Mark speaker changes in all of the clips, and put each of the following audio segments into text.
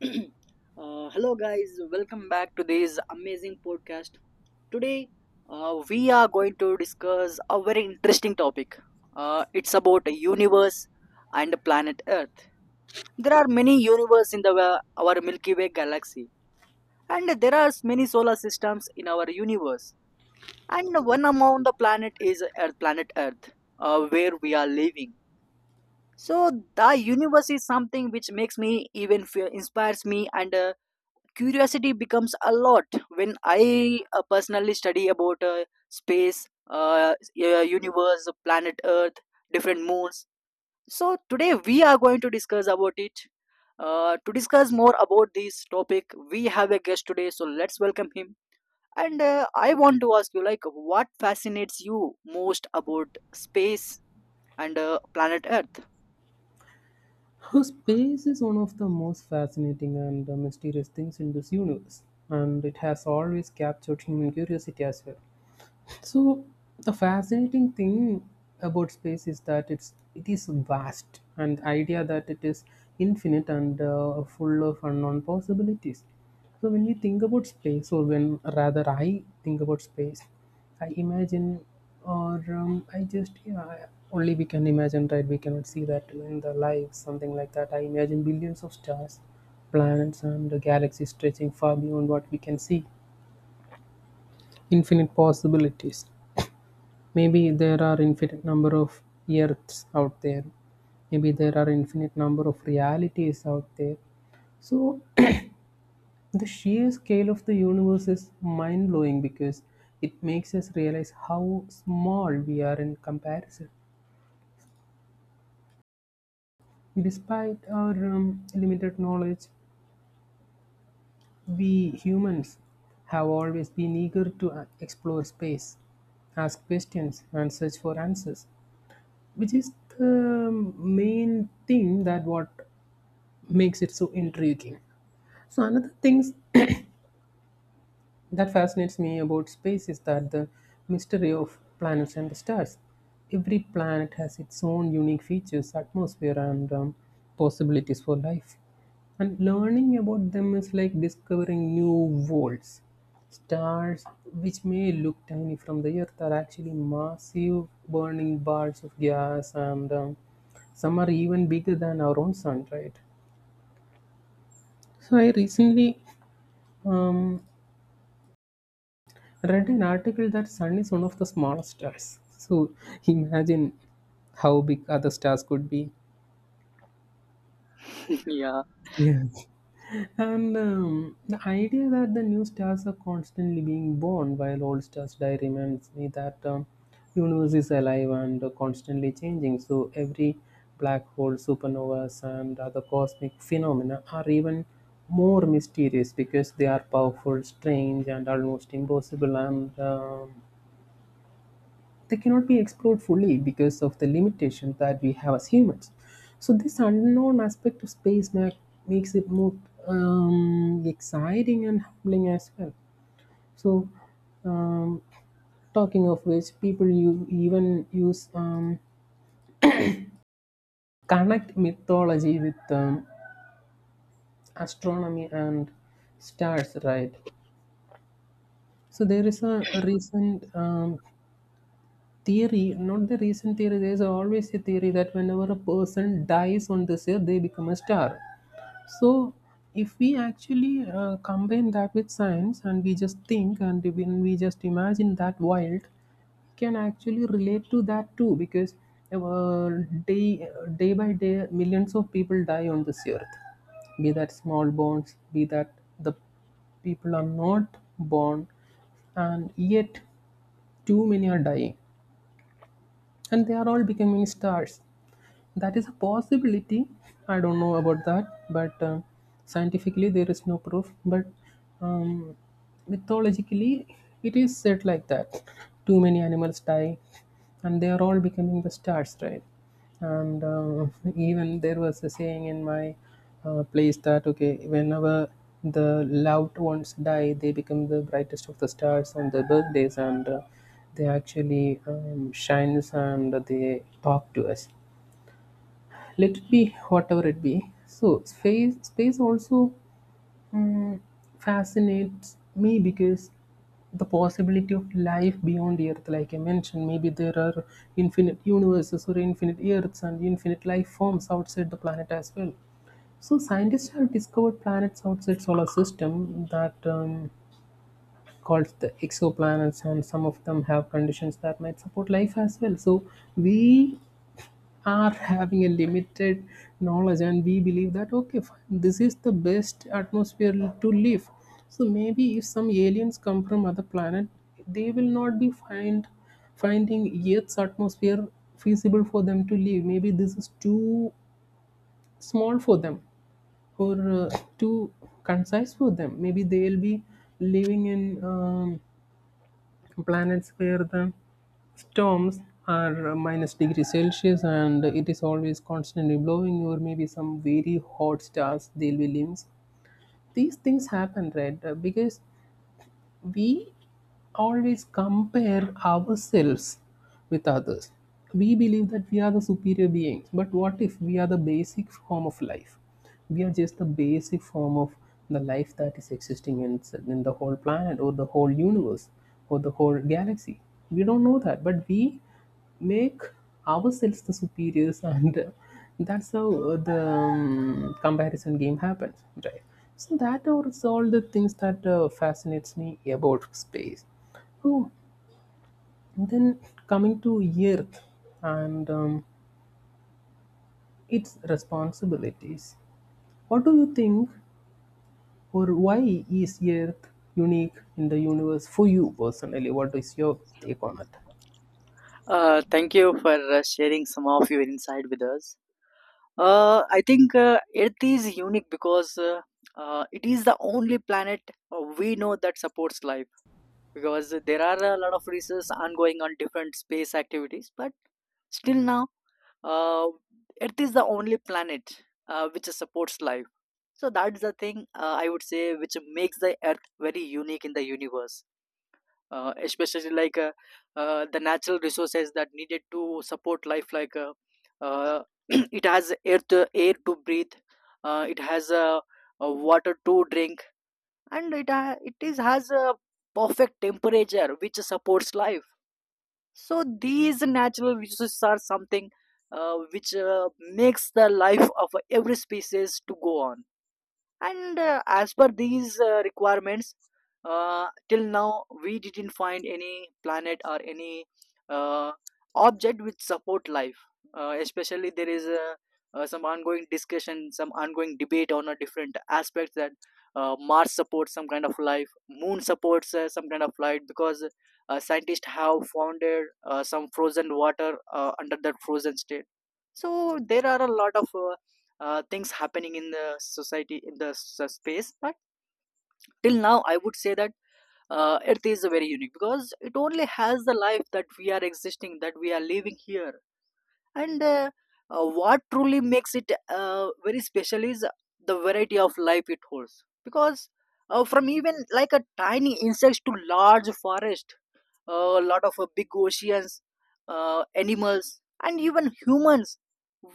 Speaker 1: Hello, guys. Welcome back to this amazing podcast. Today, we are going to discuss a very interesting topic. It's about a universe and the planet Earth. There are many universes in the our Milky Way galaxy, and there are many solar systems in our universe. And one among the planet is Earth, planet Earth, where we are living. So the universe is something which makes me even inspires me, and curiosity becomes a lot when I personally study about space, universe, planet Earth, different moons. So today we are going to discuss about it. To discuss more about this topic, we have a guest today, so let's welcome him. And I want to ask you, like, what fascinates you most about space and planet Earth?
Speaker 2: Her space is one of the most fascinating and mysterious things in this universe, and it has always captured human curiosity as well. So the fascinating thing about space is that it is vast, and the idea that it is infinite and full of unknown possibilities. So when you think about space, or when rather I think about space, I imagine, or I just yeah, I- only we can imagine, right? We cannot see that in the life, something like that. I imagine billions of stars, planets, and the galaxies stretching far beyond what we can see, infinite possibilities. Maybe there are infinite number of earths out there. Maybe there are infinite number of realities out there. So the sheer scale of the universe is mind blowing, because it makes us realize how small we are in comparison. Despite our limited knowledge, we humans have always been eager to explore space, ask questions, and search for answers, which is the main thing that what makes it so intriguing. So another things that fascinates me about space is that the mystery of planets and the stars. Every planet has its own unique features, atmosphere, and possibilities for life. And learning about them is like discovering new worlds. Stars, which may look tiny from the Earth, are actually massive burning balls of gas, and some are even bigger than our own sun, right? So I recently Um, read an article that Sun is one of the smallest stars. So imagine how big other stars could be.
Speaker 1: Yeah.
Speaker 2: Yes. And the idea that the new stars are constantly being born while old stars die reminds me that universe is alive and constantly changing. So every black hole, supernovas, and other cosmic phenomena are even more mysterious because they are powerful, strange, and almost impossible, and they cannot be explored fully because of the limitation that we have as humans. So this unknown aspect of space makes it more exciting and humbling as well. So um, talking of which, people you even use connect mythology with astronomy and stars, right? So there is a recent theory, not the recent theory. There's always a theory that whenever a person dies on this earth, they become a star. So, if we actually combine that with science and we just think and when we just imagine that wild, we can actually relate to that too because uh, day day by day, millions of people die on this earth. Be that small bones, be that the people are not born, and yet too many are dying and they are all becoming stars. That is a possibility. I don't know about that, but scientifically there is no proof. But um, mythologically, it is said like that. Too many animals die, and they are all becoming the stars, right? And even there was a saying in my place that okay, whenever the loved ones die, they become the brightest of the stars on their birthdays, and they actually shines and they talk to us, let it be whatever it be. So space also mm, fascinates me because the possibility of life beyond the earth, like I mentioned, maybe there are infinite universes or infinite earths and infinite life forms outside the planet as well. So scientists have discovered planets outside solar system that called the exoplanets, and some of them have conditions that might support life as well. So we are having a limited knowledge, and we believe that okay fine, this is the best atmosphere to live. So maybe if some aliens come from other planet, they will not be finding earth's atmosphere feasible for them to live. Maybe this is too small for them, or too concise for them. Maybe they'll be living in um, planets where the storms are minus degree celsius and it is always constantly blowing, or maybe some very hot stars they'll be limbs. These things happen, right? Because we always compare ourselves with others, we believe that we are the superior beings, but what if we are the basic form of life? We are just the basic form of the life that is existing in the whole planet or the whole universe or the whole galaxy. We don't know that, but we make ourselves the superiors, and that's how the comparison game happens, right? So that are all the things that fascinates me about space. Oh, then coming to Earth and its responsibilities. What do you think, or why is Earth unique in the universe for you personally? What is your take on it?
Speaker 1: Thank you for sharing some of your insight with us. I think Earth is unique because it is the only planet we know that supports life. Because there are a lot of research ongoing on different space activities, but still now, uh, Earth is the only planet which supports life. So that's the thing I would say which makes the Earth very unique in the universe, especially like, the natural resources that needed to support life, like, uh, it has air to breathe. It has water to drink, and it ha- it is has a perfect temperature which supports life. So these natural resources are something which makes the life of every species to go on. And as per these requirements, till now we didn't find any planet or any uh, object which support life. Especially, there is some ongoing discussion, some ongoing debate on a different aspects that Mars supports some kind of life, moon supports some kind of life, because scientists have founded some frozen water under that frozen state. So there are a lot of things happening in the society, in the space, but till now I would say that Earth is very unique, because it only has the life that we are existing, that we are living here. And what truly makes it very special is the variety of life it holds, because from even like a tiny insects to large forest, a lot of big oceans, animals, and even humans.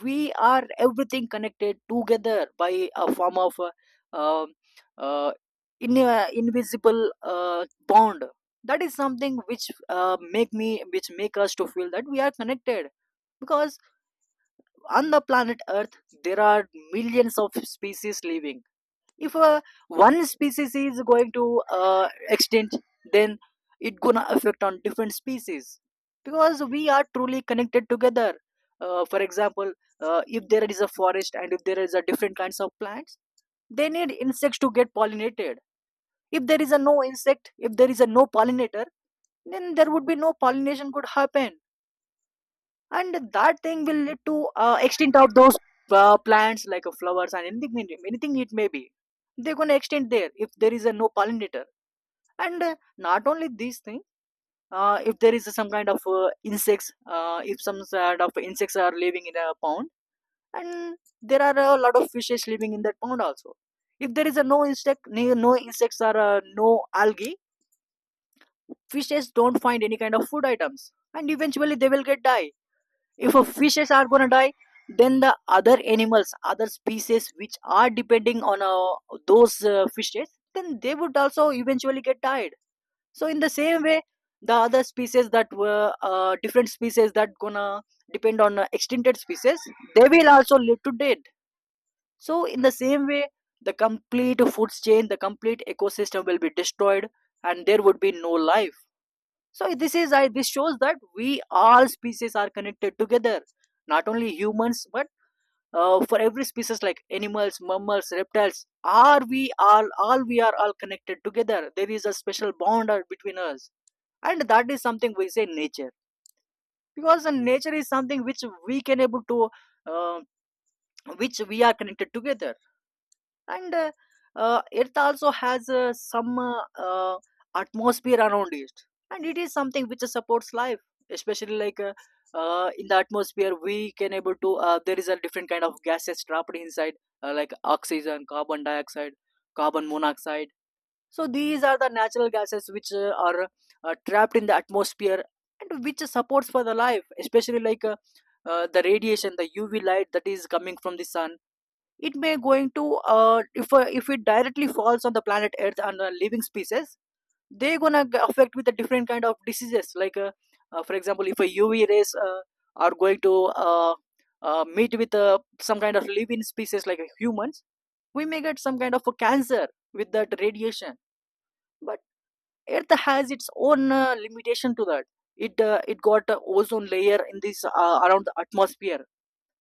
Speaker 1: We are everything connected together by a form of uh, invisible bond. That is something which which make us to feel that we are connected, because on the planet Earth there are millions of species living. If one species is going to extinct, then it gonna affect on different species, because we are truly connected together. For example, if there is a forest and if there is a different kinds of plants, they need insects to get pollinated. If there is a no insect, if there is a no pollinator, then there would be no pollination could happen, and that thing will lead to extinct of those plants, like flowers and anything it may be. They're going to extend there if there is a no pollinator. And not only these thing, if there is some kind of insects, if some sort of insects are living in a pond, and there are a lot of fishes living in that pond also, if there is a no insect, no insects or no algae, fishes don't find any kind of food items, and eventually they will get die. If a fishes are gonna die, then the other animals, other species which are depending on those fishes, then they would also eventually get tired. So in the same way, the other species that were different species that gonna depend on extincted species, they will also live to dead. So in the same way, the complete food chain, the complete ecosystem will be destroyed, and there would be no life. So this is I this shows that we all species are connected together. Not only humans, but for every species like animals, mammals, reptiles, are we all we are all connected together. There is a special bond between us, and that is something we say nature, because nature is something which we can able to uh, which we are connected together. And Earth also has some atmosphere around it, and it is something which supports life, especially like, in the atmosphere we can able to there is a different kind of gases trapped inside, like oxygen, carbon dioxide, carbon monoxide. So these are the natural gases which are trapped in the atmosphere, and which supports for the life, especially like, the radiation, the UV light that is coming from the sun. It may going to if it directly falls on the planet Earth and living species, they're gonna affect with a different kind of diseases, like for example, if a UV rays are going to uh, meet with some kind of living species like humans, we may get some kind of a cancer with that radiation. But Earth has its own limitation to that. It it got a ozone layer in this around the atmosphere,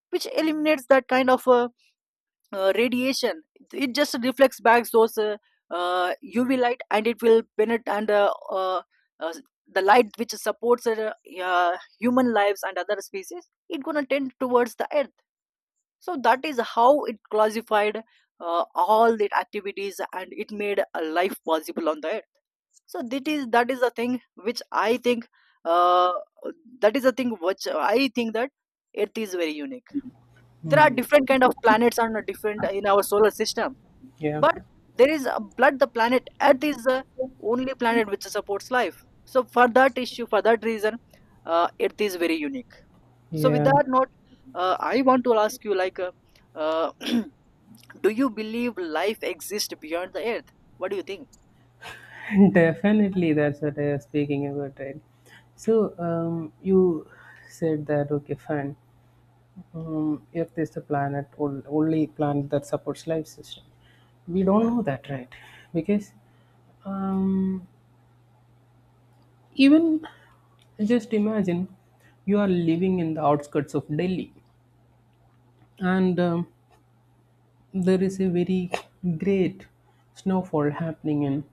Speaker 1: which eliminates that kind of radiation. It just reflects back those UV light, and it will penetrate, and uh, uh, the light which supports uh, human lives and other species, it gonna tend towards the Earth. So that is how it classified all the activities, and it made a life possible on the Earth. So that is the thing which I think uh, that is the thing which I think that Earth is very unique. There are different kind of planets and different in our solar system,
Speaker 2: Yeah,
Speaker 1: but there is a blood, the planet Earth is the only planet which supports life. So for that issue, for that reason, Earth is very unique. So with
Speaker 2: yeah,
Speaker 1: that note, I want to ask you, like, uh, do you believe life exists beyond the Earth? What do you think?
Speaker 2: definitely. That's what I was speaking about, right? So, you said that okay, fine. Earth is the planet, only planet that supports life system. We don't know that, right? Because um, even just imagine you are living in the outskirts of Delhi, and there is a very great snowfall happening in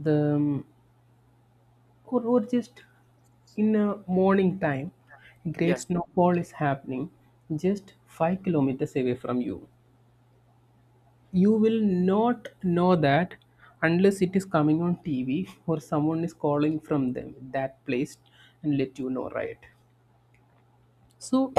Speaker 2: the or just in a morning time. Great
Speaker 1: Yeah.
Speaker 2: snowfall is happening just 5 kilometers away from you. You will not know that unless it is coming on TV or someone is calling from them that place and let you know, right? So,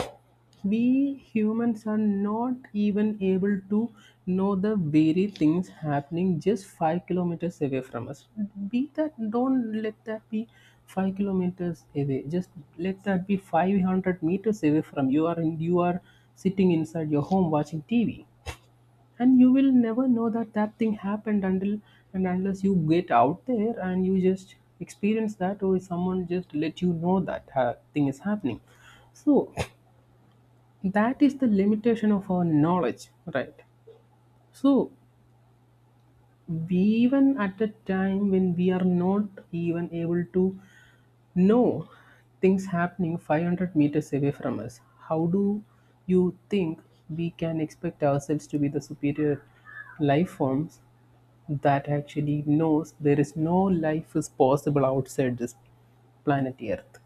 Speaker 2: we humans are not even able to know the very things happening just 5 kilometers away from us. Be that, don't let that be 5 kilometers away. Just let that be 500 meters away from you. You are sitting inside your home watching TV, and you will never know that that thing happened until and unless you get out there and you just experience that, or someone just let you know that thing is happening. So that is the limitation of our knowledge, right? So even at a time when we are not even able to know things happening 500 meters away from us, how do you think we can expect ourselves to be the superior life forms that actually knows there is no life is possible outside this planet earth?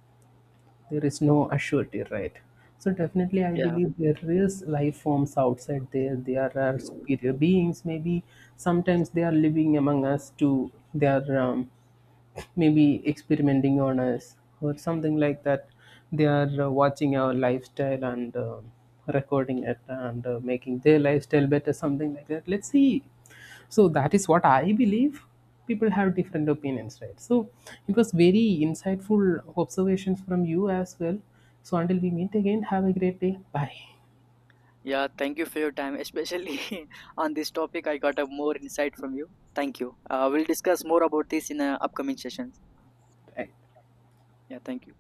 Speaker 2: There is no assurity, right? So definitely I
Speaker 1: yeah
Speaker 2: believe there is life forms outside there. There are superior beings, maybe sometimes they are living among us too. They are maybe experimenting on us or something like that. They are watching our lifestyle and recording it and making their lifestyle better, something like that, let's see. So that is what I believe. People have different opinions, right? So it was very insightful observations from you as well. So until we meet again, have a great day, bye.
Speaker 1: yeah Thank you for your time, especially on this topic. I got a more insight from you. Thank you. We'll discuss more about this in upcoming sessions. Yeah, thank you.